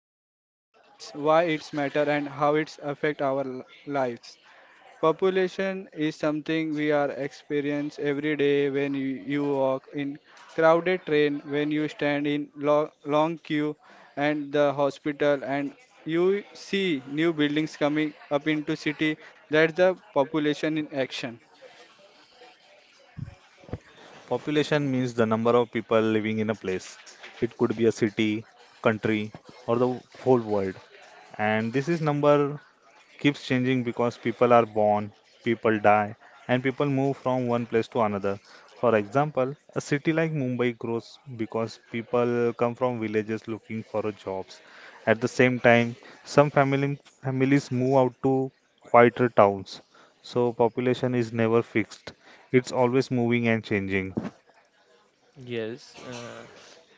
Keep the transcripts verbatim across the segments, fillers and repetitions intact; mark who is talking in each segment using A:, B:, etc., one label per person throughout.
A: what it means, why it's matter, and how it's affect our li- lives. Population is something we are experience every day when you, you walk in crowded train, when you stand in lo- long queue and the hospital and you see new buildings coming up into city. That's the population in action.
B: Population means the number of people living in a place. It could be a city, country, or the whole world. And this is number keeps changing because people are born, people die, and people move from one place to another. For example, a city like Mumbai grows because people come from villages looking for a jobs. At the same time, some family, families move out to quieter towns. So population is never fixed. It's always moving and changing.
C: Yes, uh,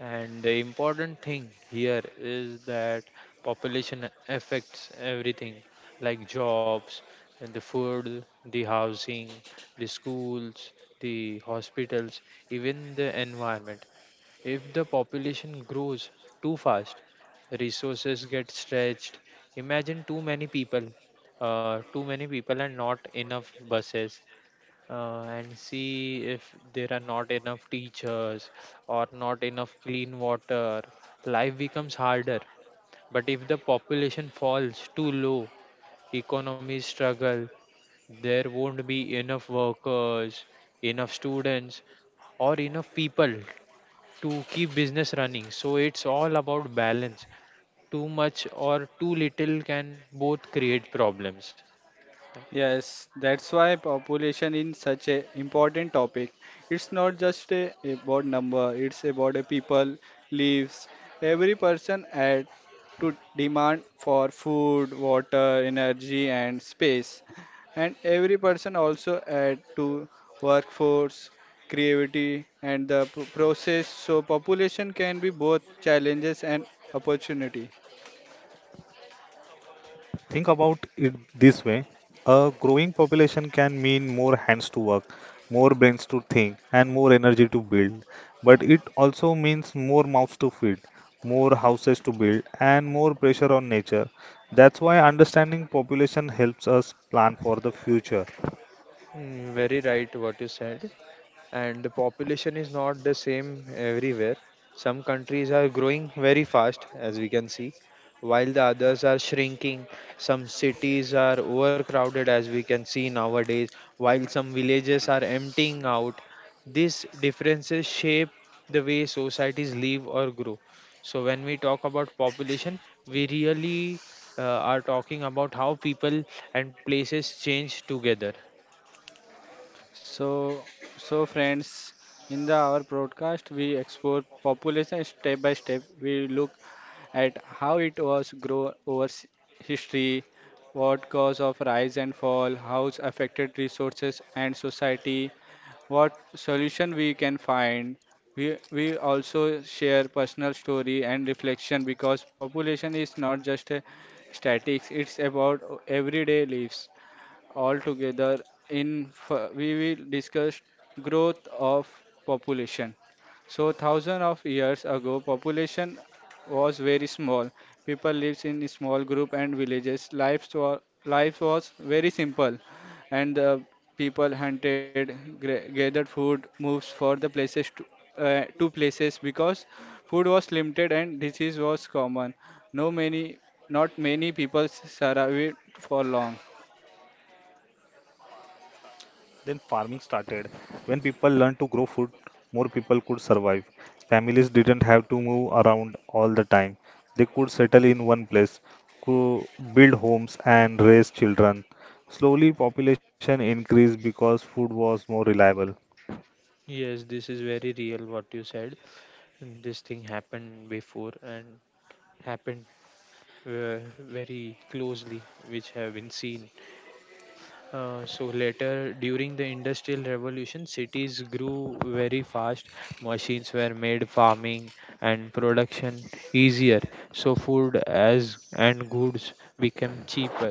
C: and the important thing here is that population affects everything, like jobs and the food, the housing, the schools, the hospitals, even the environment. If the population grows too fast, resources get stretched. Imagine too many people, uh, too many people and not enough buses, uh, and see if there are not enough teachers or not enough clean water. Life becomes harder. But if the population falls too low, economies struggle, there won't be enough workers, enough students, or enough people to keep business running. So it's all about balance. Too much or too little can both create problems.
A: Yes, that's why population is such a important topic. It's not just a, about number, it's about a people lives. Every person add to demand for food, water, energy and space. And every person also add to workforce, creativity and the p- process. So population can be both challenges and opportunity.
B: Think about it this way. A growing population can mean more hands to work, more brains to think, and more energy to build. But it also means more mouths to feed, more houses to build, and more pressure on nature. That's why understanding population helps us plan for the future.
C: Mm, very right what you said. And the population is not the same everywhere. Some countries are growing very fast, as we can see, while the others are shrinking. Some cities are overcrowded, as we can see nowadays, while some villages are emptying out. These differences shape the way societies live or grow. So, when we talk about population, we really uh, are talking about how people and places change together.
A: So, so friends, in the our broadcast we explore population step by step. We look at how it was grow over s- history, what cause of rise and fall, how it's affected resources and society, what solution we can find. We we also share personal story and reflection because population is not just a statics. It's about everyday lives all together in f- we will discuss growth of population. So thousand of years ago population was very small. People lived in small group and villages. Life was, life was very simple, and the people hunted gra- gathered food, moves for the places to, uh, to places because food was limited and disease was common. No many Not many people survived for long.
B: Then farming started. When people learned to grow food, more people could survive. Families didn't have to move around all the time. They could settle in one place, could build homes and raise children. Slowly population increased because food was more reliable.
C: Yes, this is very real what you said. And this thing happened before and happened uh, very closely, which have been seen. Uh, so later, during the Industrial Revolution, cities grew very fast. Machines were made farming and production easier. So food as and goods became cheaper.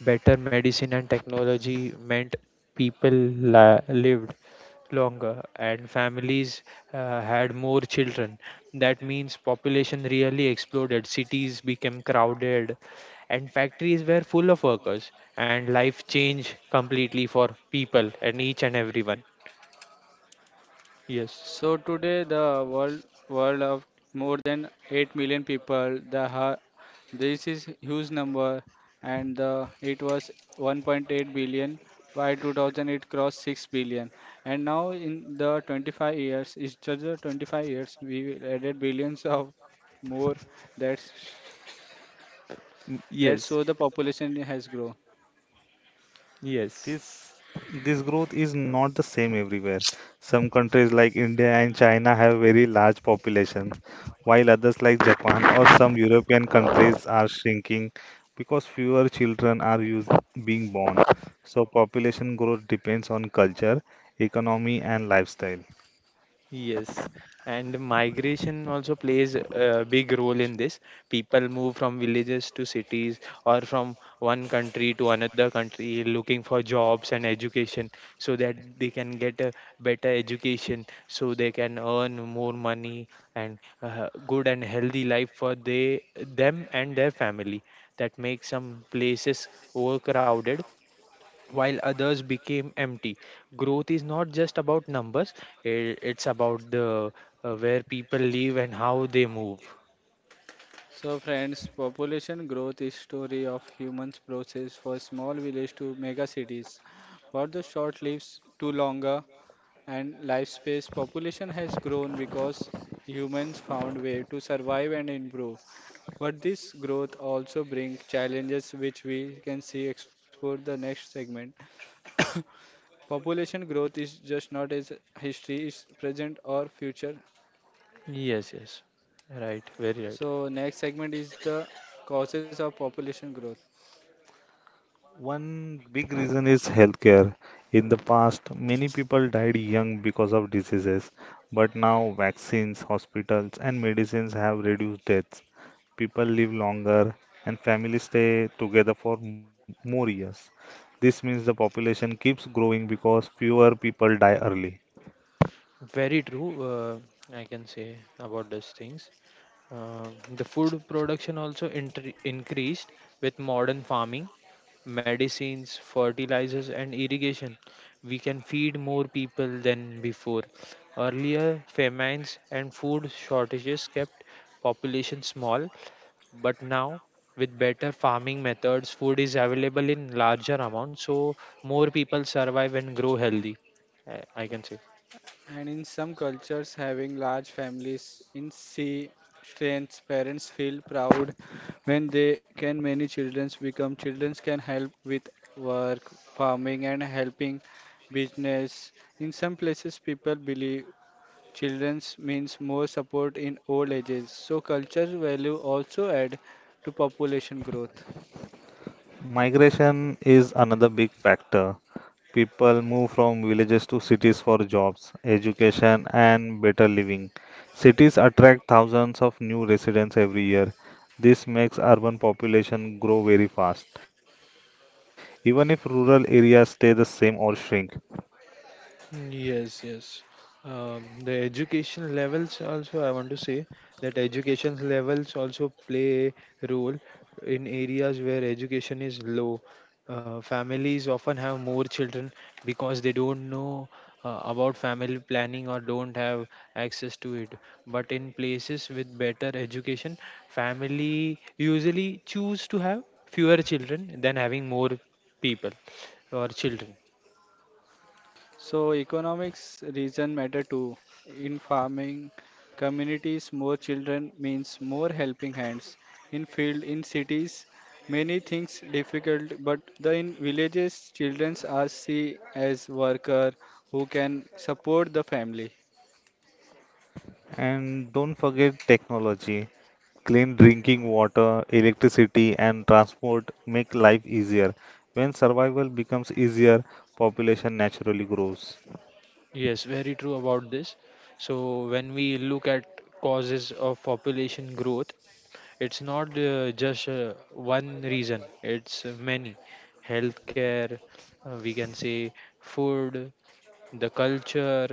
C: Better medicine and technology meant people la- lived longer and families uh, had more children. That means population really exploded, cities became crowded, and factories were full of workers, and life changed completely for people and each and everyone. Yes.
A: So today the world world of more than 8 million people, the ha- this is huge number, and the it was 1.8 billion. By twenty hundred it crossed 6 billion, and now in the twenty-five years, it's just the twenty-five years, we will added billions of more. that's
C: N-
A: that's
C: Yes,
A: show the population has grown.
C: yes.
B: This this growth is not the same everywhere. Some countries like India and China have very large populations, while others like Japan or some European countries are shrinking because fewer children are use, being born. So population growth depends on culture, economy, and lifestyle.
C: Yes, and migration also plays a big role in this. People move from villages to cities or from one country to another country looking for jobs and education so that they can get a better education, so they can earn more money and uh, good and healthy life for they them and their family. That makes some places overcrowded while others became empty. Growth is not just about numbers, i- it's about the uh, where people live and how they move.
A: So friends, population growth is story of humans process for small village to mega cities. For the short lives to longer and lifespan, population has grown because humans found way to survive and improve. But this growth also bring challenges which we can see explore the next segment. Population growth is just not as history is present or future.
C: Yes, yes. Right, very right.
A: So next segment is the causes of population growth.
B: One big reason is healthcare. In the past, many people died young because of diseases, but now vaccines, hospitals, and medicines have reduced deaths. People live longer and families stay together for m- more years. This means the population keeps growing because fewer people die early.
C: Very true. Uh, I can say about these things. Uh, the food production also intr- increased with modern farming. Medicines, fertilizers, and irrigation, we can feed more people than before. Earlier, famines and food shortages kept population small, but now with better farming methods, food is available in larger amounts, so more people survive and grow healthy. I I can say.
A: And in some cultures, having large families in sea strengths, parents feel proud when they can many children become children can help with work, farming and helping business. In some places people believe children's means more support in old ages. So culture value also add to population growth.
B: Migration is another big factor. People move from villages to cities for jobs, education, and better living. Cities attract thousands of new residents every year. This makes urban population grow very fast, even if rural areas stay the same or shrink.
C: Yes, yes. Um, the education levels also, I want to say that education levels also play a role in areas where education is low. Uh, families often have more children because they don't know uh, about family planning or don't have access to it. But in places with better education, family usually choose to have fewer children than having more people or children.
A: So economics reason matter too. In farming communities, more children means more helping hands. In field, in cities, many things difficult, but the in villages, children are seen as worker who can support the family.
B: And don't forget technology. Clean drinking water, electricity, and transport make life easier. When survival becomes easier, population naturally grows.
C: Yes, very true about this. So, when we look at causes of population growth, it's not uh, just uh, one reason, it's uh, many. Healthcare, uh, we can say food, the culture,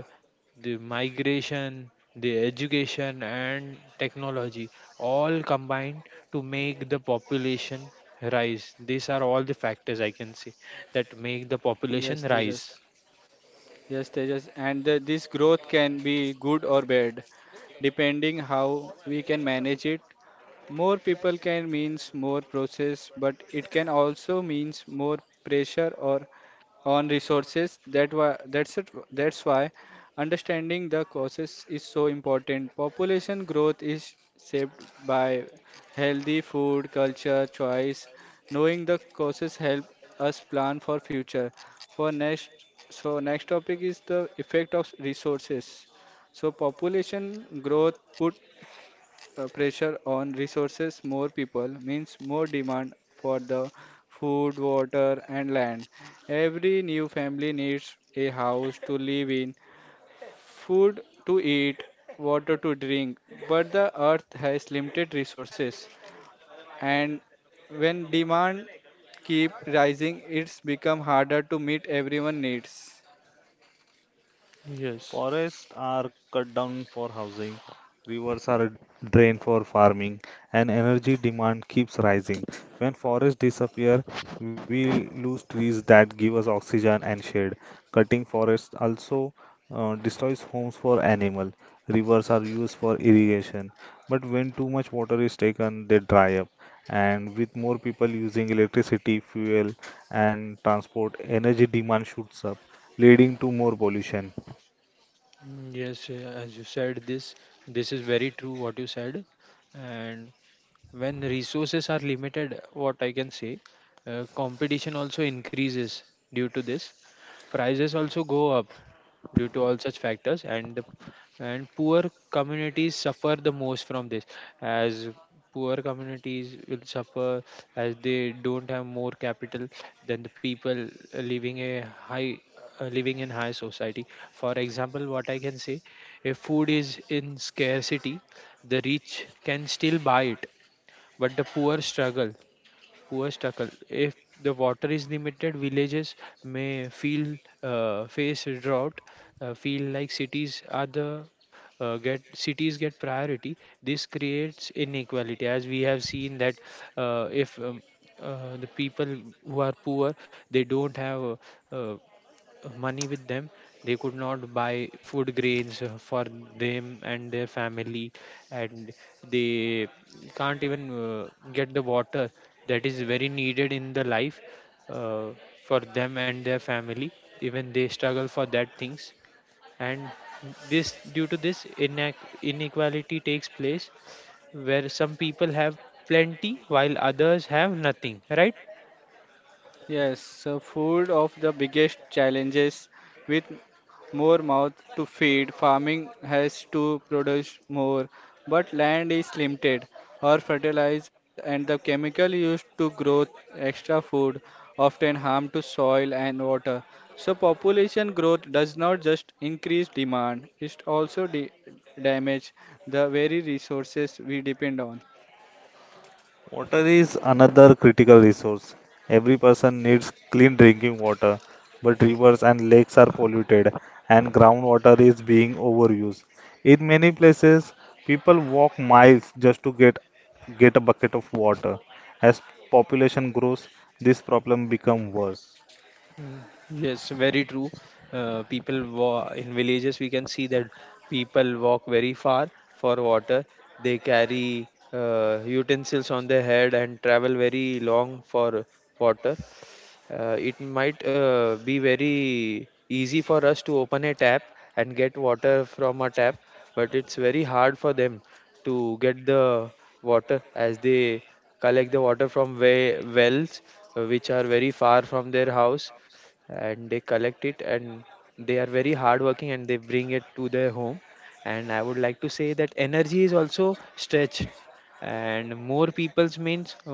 C: the migration, the education, and technology all combined to make the population rise. These are all the factors I can say that make the
A: Yes,
C: population rise.
A: Tejas. Yes, Tejas. And the, this growth can be good or bad, depending how we can manage it. More people can means more process, but it can also means more pressure or on resources. That why that's it. That's why understanding the causes is so important. Population growth is shaped by healthy food, culture, choice. Knowing the causes help us plan for future. For next, so next topic is the effect of resources. So population growth put uh, pressure on resources. More people means more demand for the food, water, and land. Every new family needs a house to live in, food to eat, water to drink, but the earth has limited resources, and when demand keep rising, it's become harder to meet everyone needs.
C: Yes.
B: Forests are cut down for housing, rivers are drained for farming, and energy demand keeps rising. When forests disappear, we lose trees that give us oxygen and shade. Cutting forests also uh, destroys homes for animals. Rivers are used for irrigation, but when too much water is taken, they dry up. And with more people using electricity, fuel, and transport, energy demand shoots up, leading to more pollution.
C: Mm, yes, uh, as you said, this this is very true what you said, and when resources are limited, what I can say, uh, competition also increases. Due to this, prices also go up due to all such factors, and the, and poor communities suffer the most from this, as poor communities will suffer as they don't have more capital than the people living a high, uh, living in high society. For example, what I can say, if food is in scarcity, the rich can still buy it, but the poor struggle. Poor struggle if the water is limited. Villages may feel, uh, face drought, uh, feel like cities are the, uh, get cities get priority. This creates inequality, as we have seen, that uh, if um, uh, the people who are poor, they don't have uh, uh, money with them, they could not buy food grains uh, for them and their family, and they can't even uh, get the water that is very needed in the life, uh, for them and their family. Even they struggle for that things, and this, due to this, inac- inequality takes place, where some people have plenty while others have nothing, right.
A: Yes, so food of the biggest challenges. With more mouth to feed, farming has to produce more, but land is limited or fertilized and the chemical used to grow extra food often harm to soil and water. So population growth does not just increase demand, it also de- damage the very resources we depend on.
B: Water is another critical resource. Every person needs clean drinking water, but rivers and lakes are polluted and groundwater is being overused. In many places, people walk miles just to get get a bucket of water. As population grows, this problem becomes worse.
C: Mm, yes, very true. Uh, people wa- in villages, we can see that people walk very far for water. They carry uh, utensils on their head and travel very long for water. Uh, it might uh, be very easy for us to open a tap and get water from a tap, but it's very hard for them to get the water, as they collect the water from we- wells, uh, which are very far from their house, and they collect it and they are very hardworking and they bring it to their home. And I would like to say that energy is also stretched, and more peoples means uh,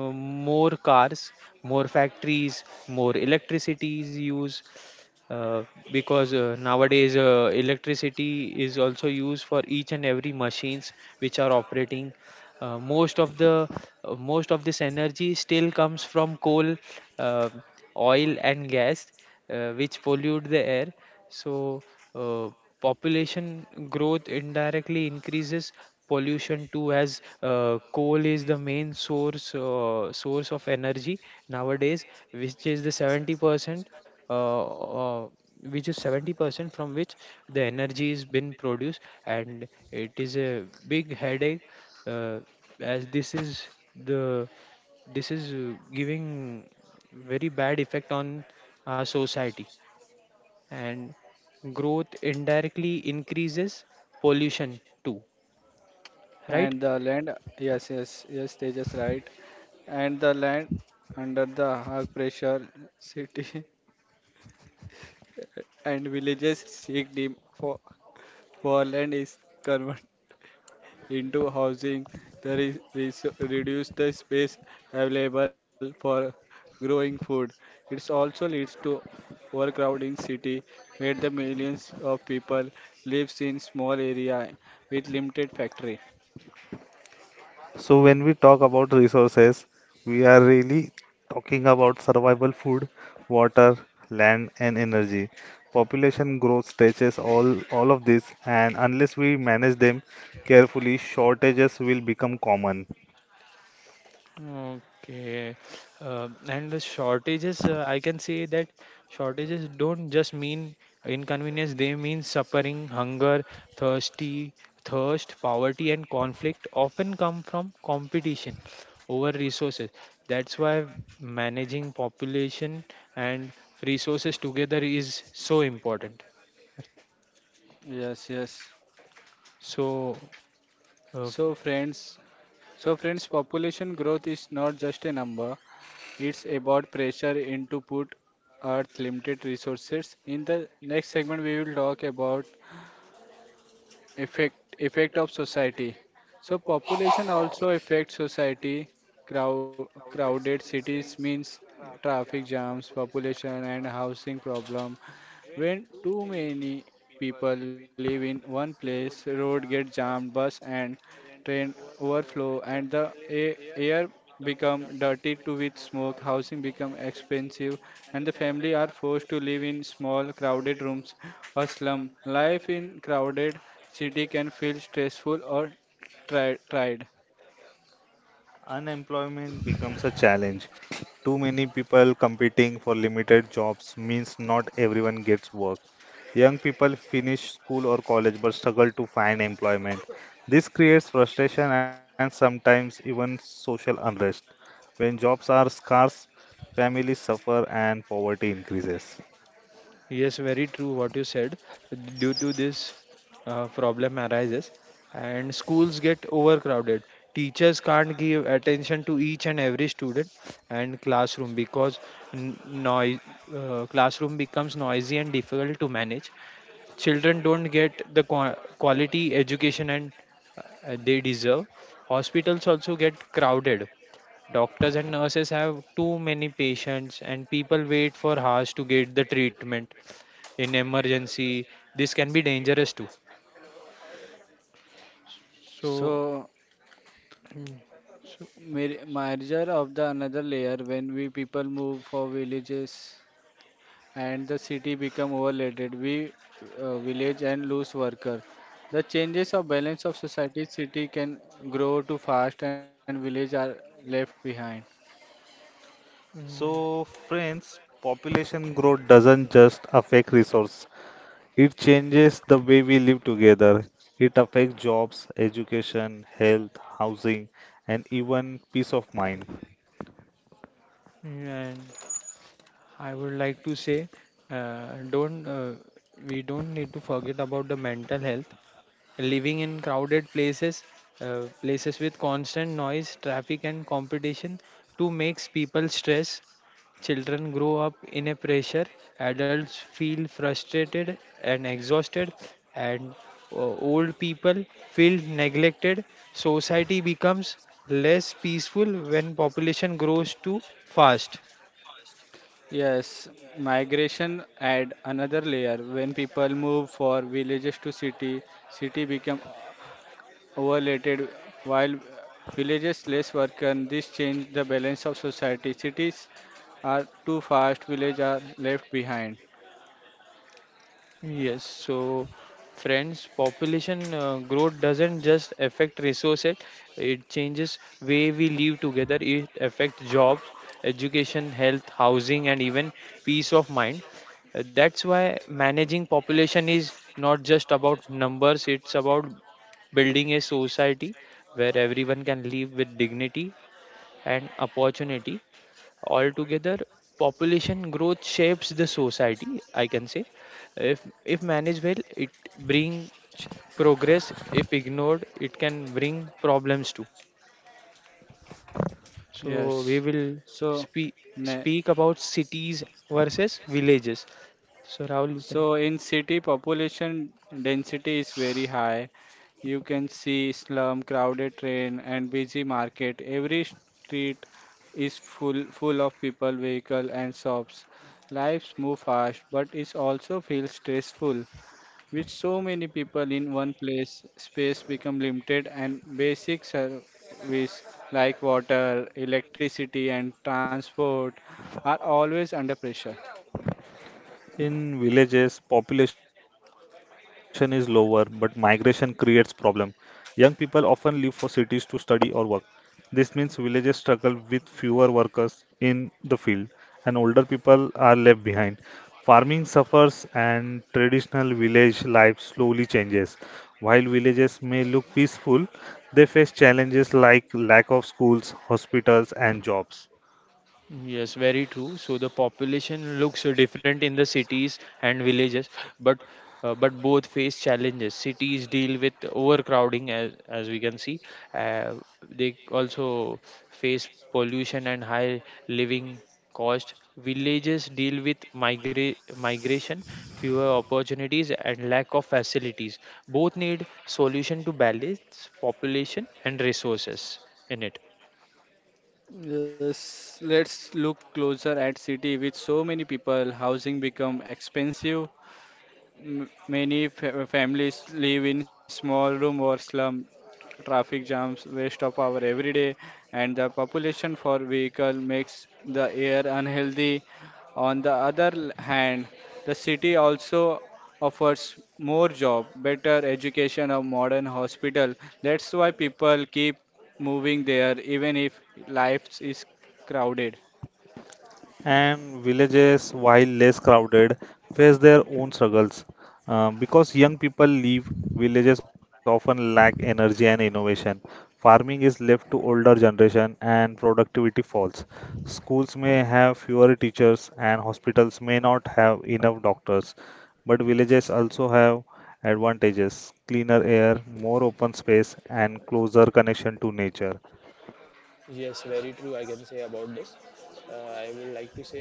C: more cars, more factories, more electricity is used, uh, because uh, nowadays uh, electricity is also used for each and every machines which are operating. Uh, most of the, uh, most of this energy still comes from coal, uh, oil and gas, uh, which pollute the air. So, uh, population growth indirectly increases pollution too, as uh, coal is the main source, uh, source of energy nowadays, which is the seventy percent, uh, uh, which is seventy percent from which the energy is been produced. And it is a big headache, uh, as this is the, this is uh, giving very bad effect on our society, and growth indirectly increases pollution too, right.
A: And the land, yes, yes, yes, they just right. And the land under the high pressure city and villages seek deep for, for land is converted into housing. There is res- reduce the space available for growing food. It also leads to overcrowding city where the millions of people lives in small area with limited factory.
B: So when we talk about resources, we are really talking about survival food, water, land and energy. Population growth stretches all all of this and unless we manage them carefully, shortages will become common.
C: Okay. Um, and the shortages, uh, I can say that shortages don't just mean inconvenience, they mean suffering, hunger, thirsty, thirst, poverty, and conflict often come from competition over resources. That's why managing population and resources together is so important.
A: Yes, yes.
C: So, uh,
A: So friends, so friends, population growth is not just a number. It's about pressure into put earth limited resources. In the next segment, we will talk about effect effect of society. So population also affects society. Crow, crowded cities means traffic jams, population and housing problem. When too many people live in one place, road get jammed, bus and train overflow, and the a- air become dirty too with smoke. Housing become expensive, and the family are forced to live in small, crowded rooms or slum. Life in crowded city can feel stressful or tri- tried.
B: Unemployment becomes a challenge. Too many people competing for limited jobs means not everyone gets work. Young people finish school or college but struggle to find employment. This creates frustration and sometimes even social unrest. When jobs are scarce, families suffer and poverty increases.
C: yes, very true what you said. Due to this, uh, problem arises and schools get overcrowded. Teachers can't give attention to each and every student, and classroom because n- noise, uh, classroom becomes noisy and difficult to manage. Children don't get the qua quality education and uh, they deserve. Hospitals also get crowded. Doctors and nurses have too many patients, and people wait for hours to get the treatment. In emergency this can be dangerous too, so.
A: So,
C: Mm, so.
A: mir- merger of the another layer when we people move for villages. And the city become overloaded, we uh, village and lose worker, the changes of balance of society. City can grow too fast and village are left behind.
C: Mm.
B: So, friends, population growth doesn't just affect resource, it changes the way we live together. It affects jobs, education, health, housing, and even peace of mind.
C: Mm, and I would like to say, uh, don't, uh, we don't need to forget about the mental health. Living in crowded places, uh, places with constant noise, traffic and competition too, makes people stress. Children grow up in a pressure, adults feel frustrated and exhausted, and uh, old people feel neglected. Society becomes less peaceful when population grows too fast.
A: Yes, migration add another layer when people move for villages to city city become overloaded while villages less worker, this change the balance of society. Cities are too fast, village are left behind.
C: Yes, so friends, population uh, growth doesn't just affect resources, it changes way we live together. It affects jobs, education, health, housing, and even peace of mind. Uh, That's why managing population is not just about numbers, it's about building a society where everyone can live with dignity and opportunity. Altogether, population growth shapes the society, I can say. If, if managed well, it bring progress. If ignored, it can bring problems too. So we
A: Yes.
C: will
A: so
C: speak
A: ne-
C: speak about cities versus villages. So Rahul, you can.
A: So in city, population density is very high. You can see slum, crowded train, and busy market. Every street is full full of people, vehicle, and shops. Lives move fast, but it also feels stressful. With so many people in one place, space become limited, and basic service like water, electricity, and transport are always under pressure.
B: In villages, population is lower, but migration creates problem. Young people often leave for cities to study or work. This means villages struggle with fewer workers in the field, and older people are left behind. Farming suffers, and traditional village life slowly changes. While villages may look peaceful, they face challenges like lack of schools, hospitals, and jobs.
C: Yes, very true. So the population looks uh, different in the cities and villages, but uh, but both face challenges. Cities deal with overcrowding, as as we can see. Uh, they also face pollution and high living cost. Villages deal with migra- migration, fewer opportunities, and lack of facilities. Both need solution to balance population and resources in it.
A: Yes, let's look closer at city. With so many people, housing become expensive, M- Many fa- families live in small room or slum, traffic jams, waste of power every day, and the population for vehicle makes the air unhealthy. On the other l- hand, the city also offers more job, better education, a modern hospital. That's why people keep moving there even if life is crowded.
B: And villages, while less crowded, face their own struggles. Uh, because young people leave, villages often lack energy and innovation. Farming is left to older generation and productivity falls. Schools may have fewer teachers and hospitals may not have enough doctors, but villages also have advantages, cleaner air, more open space and closer connection to nature.
C: Yes, very true. I can say about this. Uh, I would like to say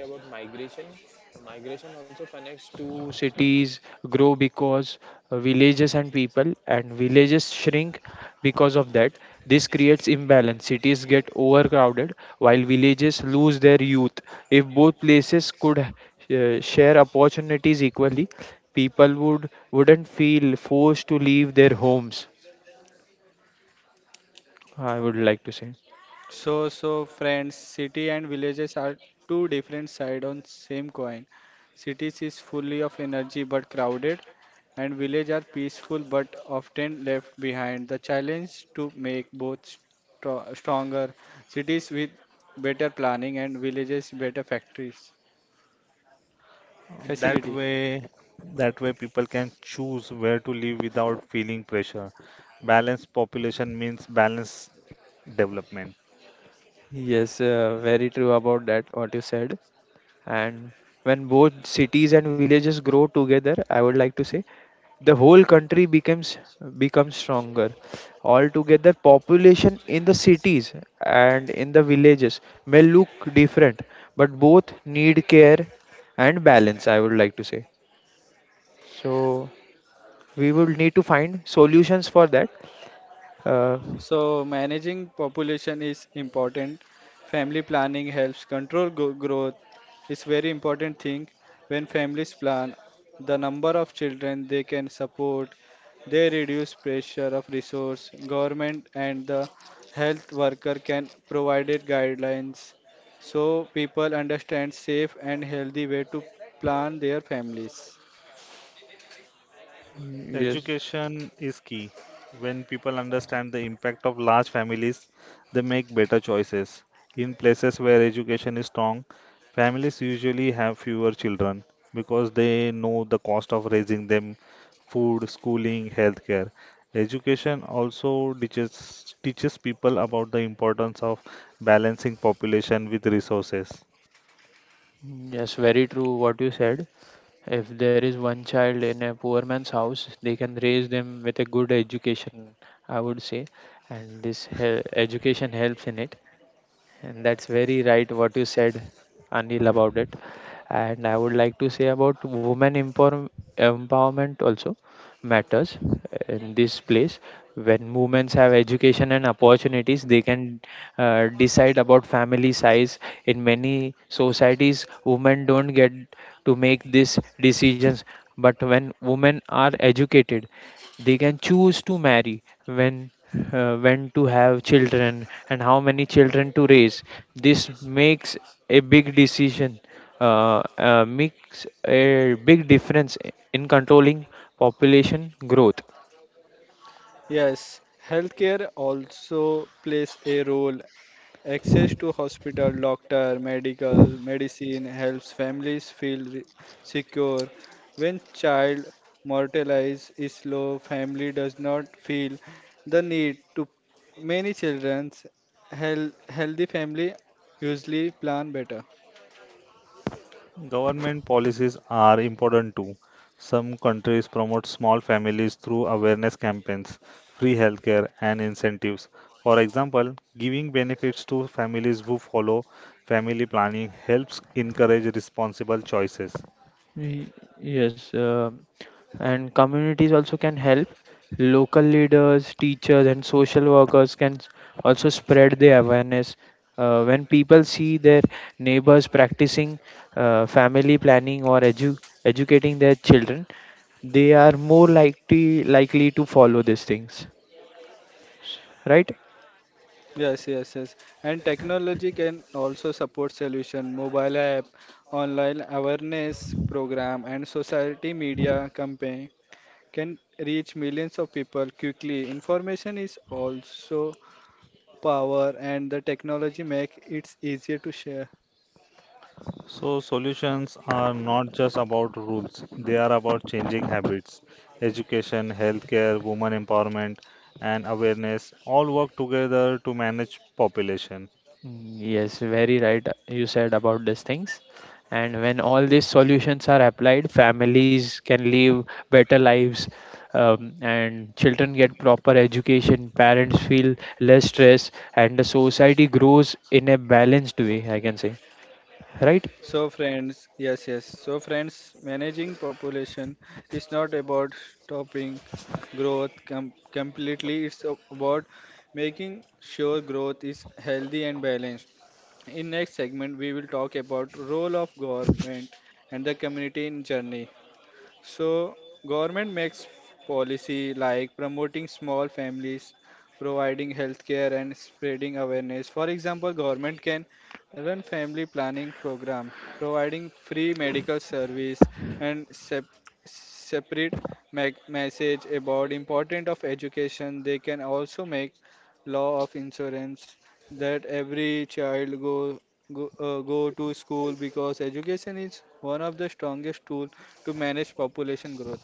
C: two cities grow because uh, villages and people, and villages shrink because of that. This creates imbalance. Cities get overcrowded while villages lose their youth. If both places could uh, share opportunities equally, people would wouldn't feel forced to leave their homes. I would like to say.
A: So, so friends, city and villages are two different side on same coin. Cities is fully of energy but crowded, and village are peaceful but often left behind. The challenge to make both stro- stronger cities with better planning and villages better factories
B: That
A: facility.
B: way, that way people can choose where to live without feeling pressure. Balanced population means balanced development.
C: Yes, uh, very true about that, what you said. And when both cities and villages grow together, I would like to say the whole country becomes, becomes stronger. Altogether, population in the cities and in the villages may look different, but both need care and balance. I would like to say so. We will need to find solutions for that. Uh,
A: So, managing population is important. Family planning helps control gro- growth. It's very important thing. When families plan, the number of children they can support, they reduce pressure of resource. Government and the health worker can provide guidelines so people understand safe and healthy way to plan their families.
C: yes,
B: Education is key. When people understand the impact of large families, they make better choices. In places where education is strong, families usually have fewer children because they know the cost of raising them, food, schooling, healthcare. Education also teaches teaches people about the importance of balancing population with resources.
C: yes, very true what you said. If there is one child in a poor man's house, they can raise them with a good education, I would say, and this hel- education helps in it. And that's very right what you said, Anil, about it. And I would like to say about women empower- empowerment also matters in this place. When women have education and opportunities, they can uh, decide about family size. In many societies women don't get to make these decisions, but when women are educated, they can choose to marry when, uh, when to have children and how many children to raise. This makes a big decision uh, uh, makes a big difference in controlling population growth.
A: Yes, healthcare also plays a role. Access to hospital, doctor, medical, medicine helps families feel re- secure. When child mortalized is low, family does not feel the need to many children's health, healthy family usually plan better.
B: Government policies are important too. Some countries promote small families through awareness campaigns, free healthcare, and incentives. For example, giving benefits to families who follow family planning helps encourage responsible choices.
C: Y- Yes, uh, and communities also can help. Local leaders, teachers, and social workers can s- also spread the awareness. Uh, when people see their neighbors practicing uh, family planning or edu- educating their children, they are more likely likely to follow these things, right?
A: Yes, yes, yes. And technology can also support solution. Mobile app, online awareness program, and society media campaign can reach millions of people quickly. Information is also power, and the technology make it easier to share.
B: So, solutions are not just about rules, they are about changing habits. Education, healthcare, women empowerment, and awareness all work together to manage population.
C: Mm, yes, very right. You said about these things. And when all these solutions are applied, families can live better lives, um, and children get proper education, parents feel less stress, and the society grows in a balanced way, I can say. Right?
A: So, friends, yes, yes. So, friends, managing population is not about stopping growth com- completely. It's a- about making sure growth is healthy and balanced. In next segment, we will talk about role of government and the community in journey. So government makes policy like promoting small families, providing healthcare and spreading awareness. For example, government can run family planning program, providing free medical service and sep- separate me- message about importance of education. They can also make law of insurance that every child go go, uh, go to school because education is one of the strongest tool to manage population growth.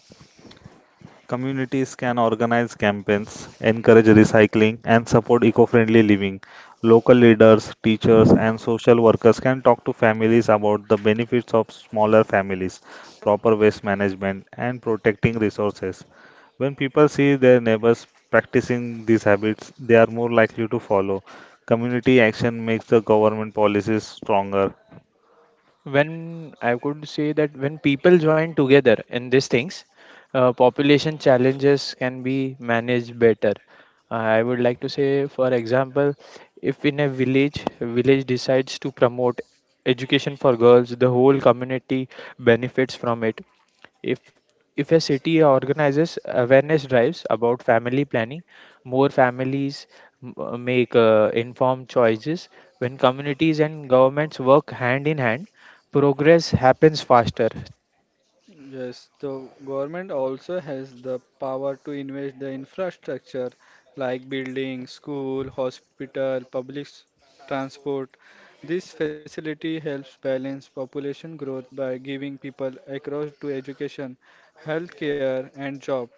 B: Communities can organize campaigns, encourage recycling, and support eco friendly living. Local leaders, teachers, and social workers can talk to families about the benefits of smaller families, proper waste management, and protecting resources. When people see their neighbors practicing these habits, they are more likely to follow. Community action makes the government policies stronger.
C: when I could say that when people join together in these things, uh, population challenges can be managed better. Uh, I would like to say, for example, if in a village, a village decides to promote education for girls, the whole community benefits from it. If if a city organizes awareness drives about family planning, more families m- uh, make uh, informed choices. When communities and governments work hand in hand, progress happens faster.
A: Yes, the government also has the power to invest the infrastructure like buildings, school, hospital, public s- transport. This facility helps balance population growth by giving people across to education, healthcare and job.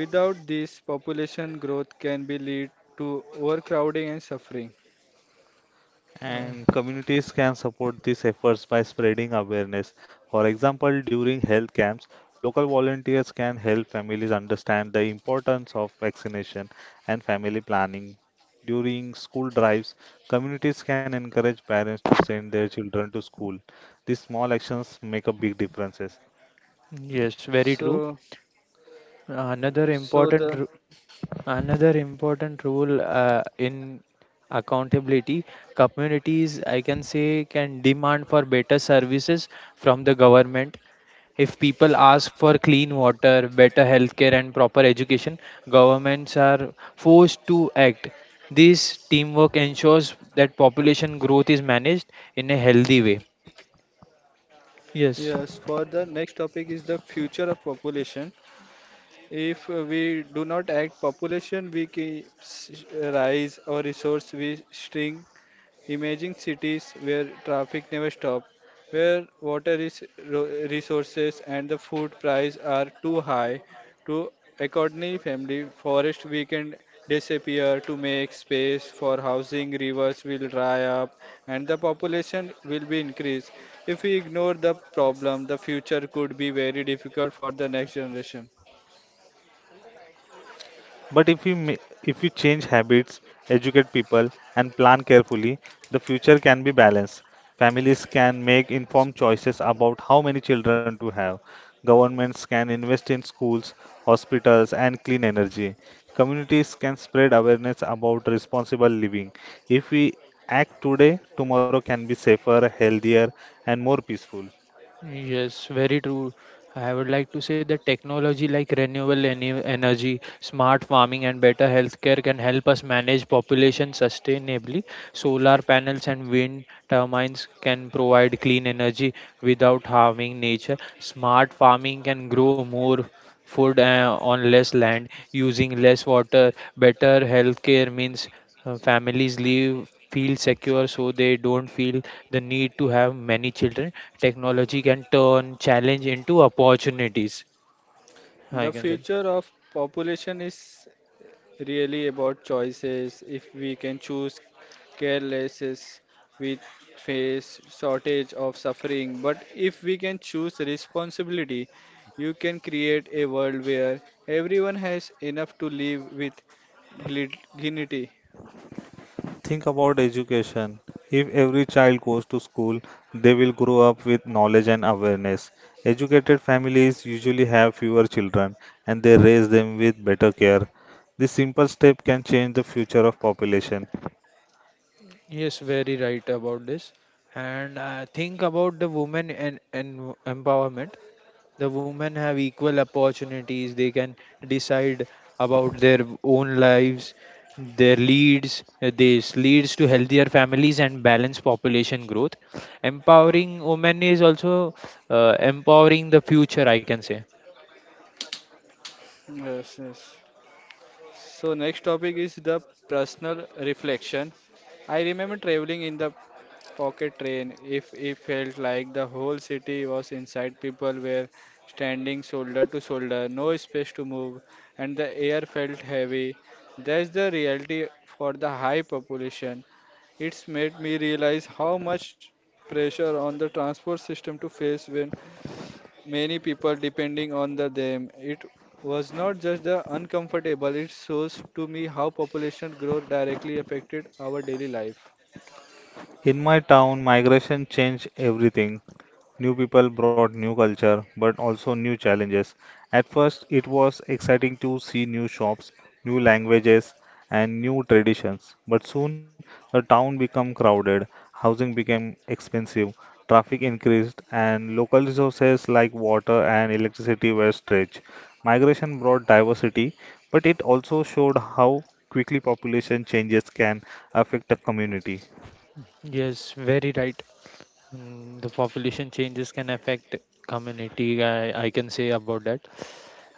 A: Without this, population growth can be lead to overcrowding and suffering.
C: Uh,
B: And communities can support these efforts by spreading awareness. For example, during health camps, local volunteers can help families understand the importance of vaccination and family planning. During school drives, communities can encourage parents to send their children to school. These small actions make a big difference.
C: Yes, very true.
A: So,
C: Another
A: so
C: important
A: the
C: ru- another important rule uh, in accountability, communities, I can say, can demand for better services from the government. If people ask for clean water, better healthcare, and proper education, governments are forced to act. This teamwork ensures that population growth is managed in a healthy way.
A: Yes,
C: Yes,
A: for the next topic is the future of population. If uh, we do not act, population will keep rise or resource will shrink. Imagine cities where traffic never stop, where water is ro- resources and the food price are too high to accompany family. Forest we can disappear to make space for housing. Rivers will dry up and the population will be increased. If we ignore the problem, the future could be very difficult for the next generation.
B: But if you ma- If you change habits, educate people, and plan carefully, the future can be balanced. Families can make informed choices about how many children to have. Governments can invest in schools, hospitals, and clean energy. Communities can spread awareness about responsible living. If we act today, tomorrow can be safer, healthier, and more peaceful.
C: yes, very true. I would like to say that technology like renewable ene- energy, smart farming, and better healthcare can help us manage population sustainably. Solar panels and wind turbines can provide clean energy without harming nature. Smart farming can grow more food uh, on less land using less water. Better healthcare means uh, families live feel secure, so they don't feel the need to have many children. Technology can turn challenge into opportunities, I
A: The
C: can say.
A: future of population is really about choices. If we can choose carelessness, we face shortage of suffering. But if we can choose responsibility, you can create a world where everyone has enough to live with gli- dignity.
B: Think about education. If every child goes to school, they will grow up with knowledge and awareness. Educated families usually have fewer children and they raise them with better care. This simple step can change the future of population.
C: Yes, very right about this. And uh, think about the women and, and empowerment. The women have equal opportunities, they can decide about their own lives. Their leads This leads to healthier families and balanced population growth. Empowering women is also, uh, empowering the future, I can say.
A: Yes, yes. So next topic is the personal reflection. I remember traveling in the pocket train. If it felt like the whole city was inside, people were standing shoulder to shoulder, no space to move, and the air felt heavy. That's the reality for the high population. It's made me realize how much pressure on the transport system to face when many people depending on the them. It was not just the uncomfortable, it shows to me how population growth directly affected our daily life.
B: In my town, migration changed everything. New people brought new culture, but also new challenges. At first, it was exciting to see new shops, new languages, and new traditions. But soon, the town became crowded, housing became expensive, traffic increased, and local resources like water and electricity were stretched. Migration brought diversity, but it also showed how quickly population changes can affect a community.
C: Yes, very right. Mm, the population changes can affect community, I, I can say about that.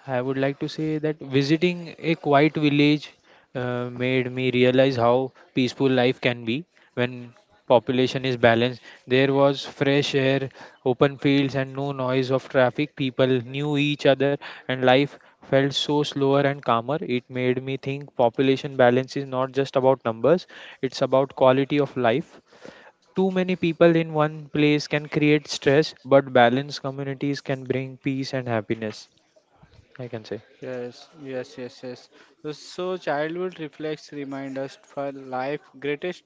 C: I would like to say that visiting a quiet village uh, made me realize how peaceful life can be when population is balanced. There was fresh air, open fields, and no noise of traffic. People knew each other, and life felt so slower and calmer. It made me think population balance is not just about numbers, it's about quality of life. Too many people in one place can create stress, but balanced communities can bring peace and happiness, I can say.
A: Yes, yes, yes, yes. The- So childhood reflects remind us for life greatest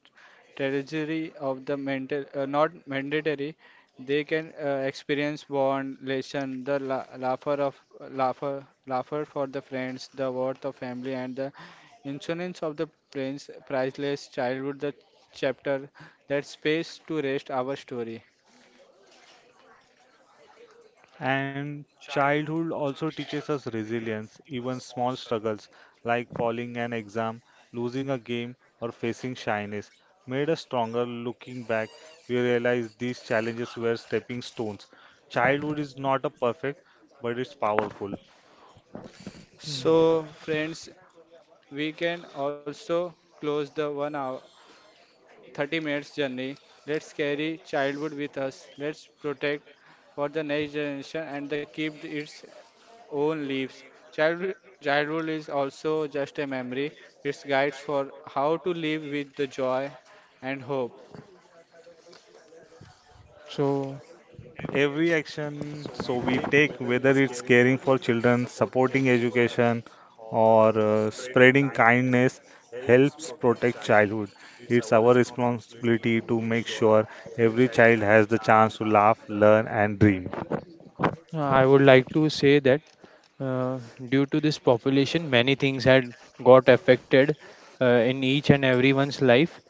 A: treasury of the mental, uh, not mandatory. They can uh, experience bond, lesson, the la laughter of laughter, laughter for the friends, the worth of family, and the insurance of the prince, priceless childhood. The chapter that space to rest our story.
B: And childhood also teaches us resilience, even small struggles like falling an exam, losing a game, or facing shyness made us stronger. Looking back, we realize these challenges were stepping stones. Childhood is not a perfect, but it's powerful.
C: Mm.
A: So friends, we can also close the one hour thirty minutes journey. Let's carry childhood with us. Let's protect for the next generation and the keep its own leaves. Childhood, childhood is also just a memory. It's guides for how to live with the joy and hope.
C: So
B: Every action so we take, whether it's caring for children, supporting education, or uh, spreading kindness, helps protect childhood. It's our responsibility to make sure every child has the chance to laugh, learn, and dream.
C: uh, I would like to say that uh, due to this population, many things had got affected uh, in each and everyone's life,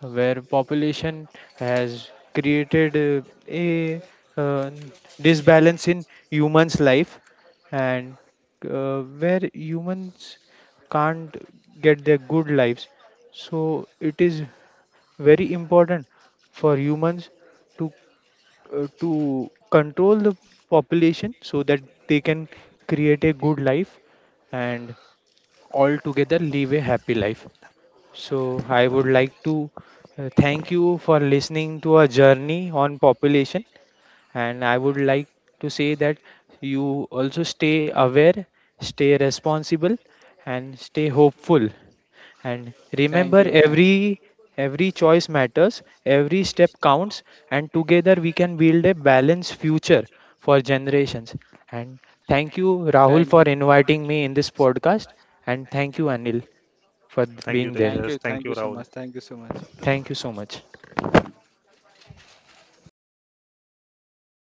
C: where population has created uh, a uh, disbalance in humans' life, and uh, where humans can't get their good lives. So it is very important for humans to uh, to control the population so that they can create a good life and all together live a happy life. So, I would like to uh, thank you for listening to our journey on population. And I would like to say that you also stay aware, stay responsible, and stay hopeful. And
A: Thank
C: remember,
A: you. Thank,
C: every every choice matters, every step counts, and together we can build a balanced future for generations. And thank you, Rahul,
A: thank
C: for
A: you.
C: inviting me in this podcast. And thank you, Anil, for
B: Thank
C: being
B: you,
C: there.
A: Thank you.
B: Tejas.
A: Thank
B: Thank
A: you
B: you,
A: so much.
B: Rahul.
A: Thank you so much.
C: Thank you so much.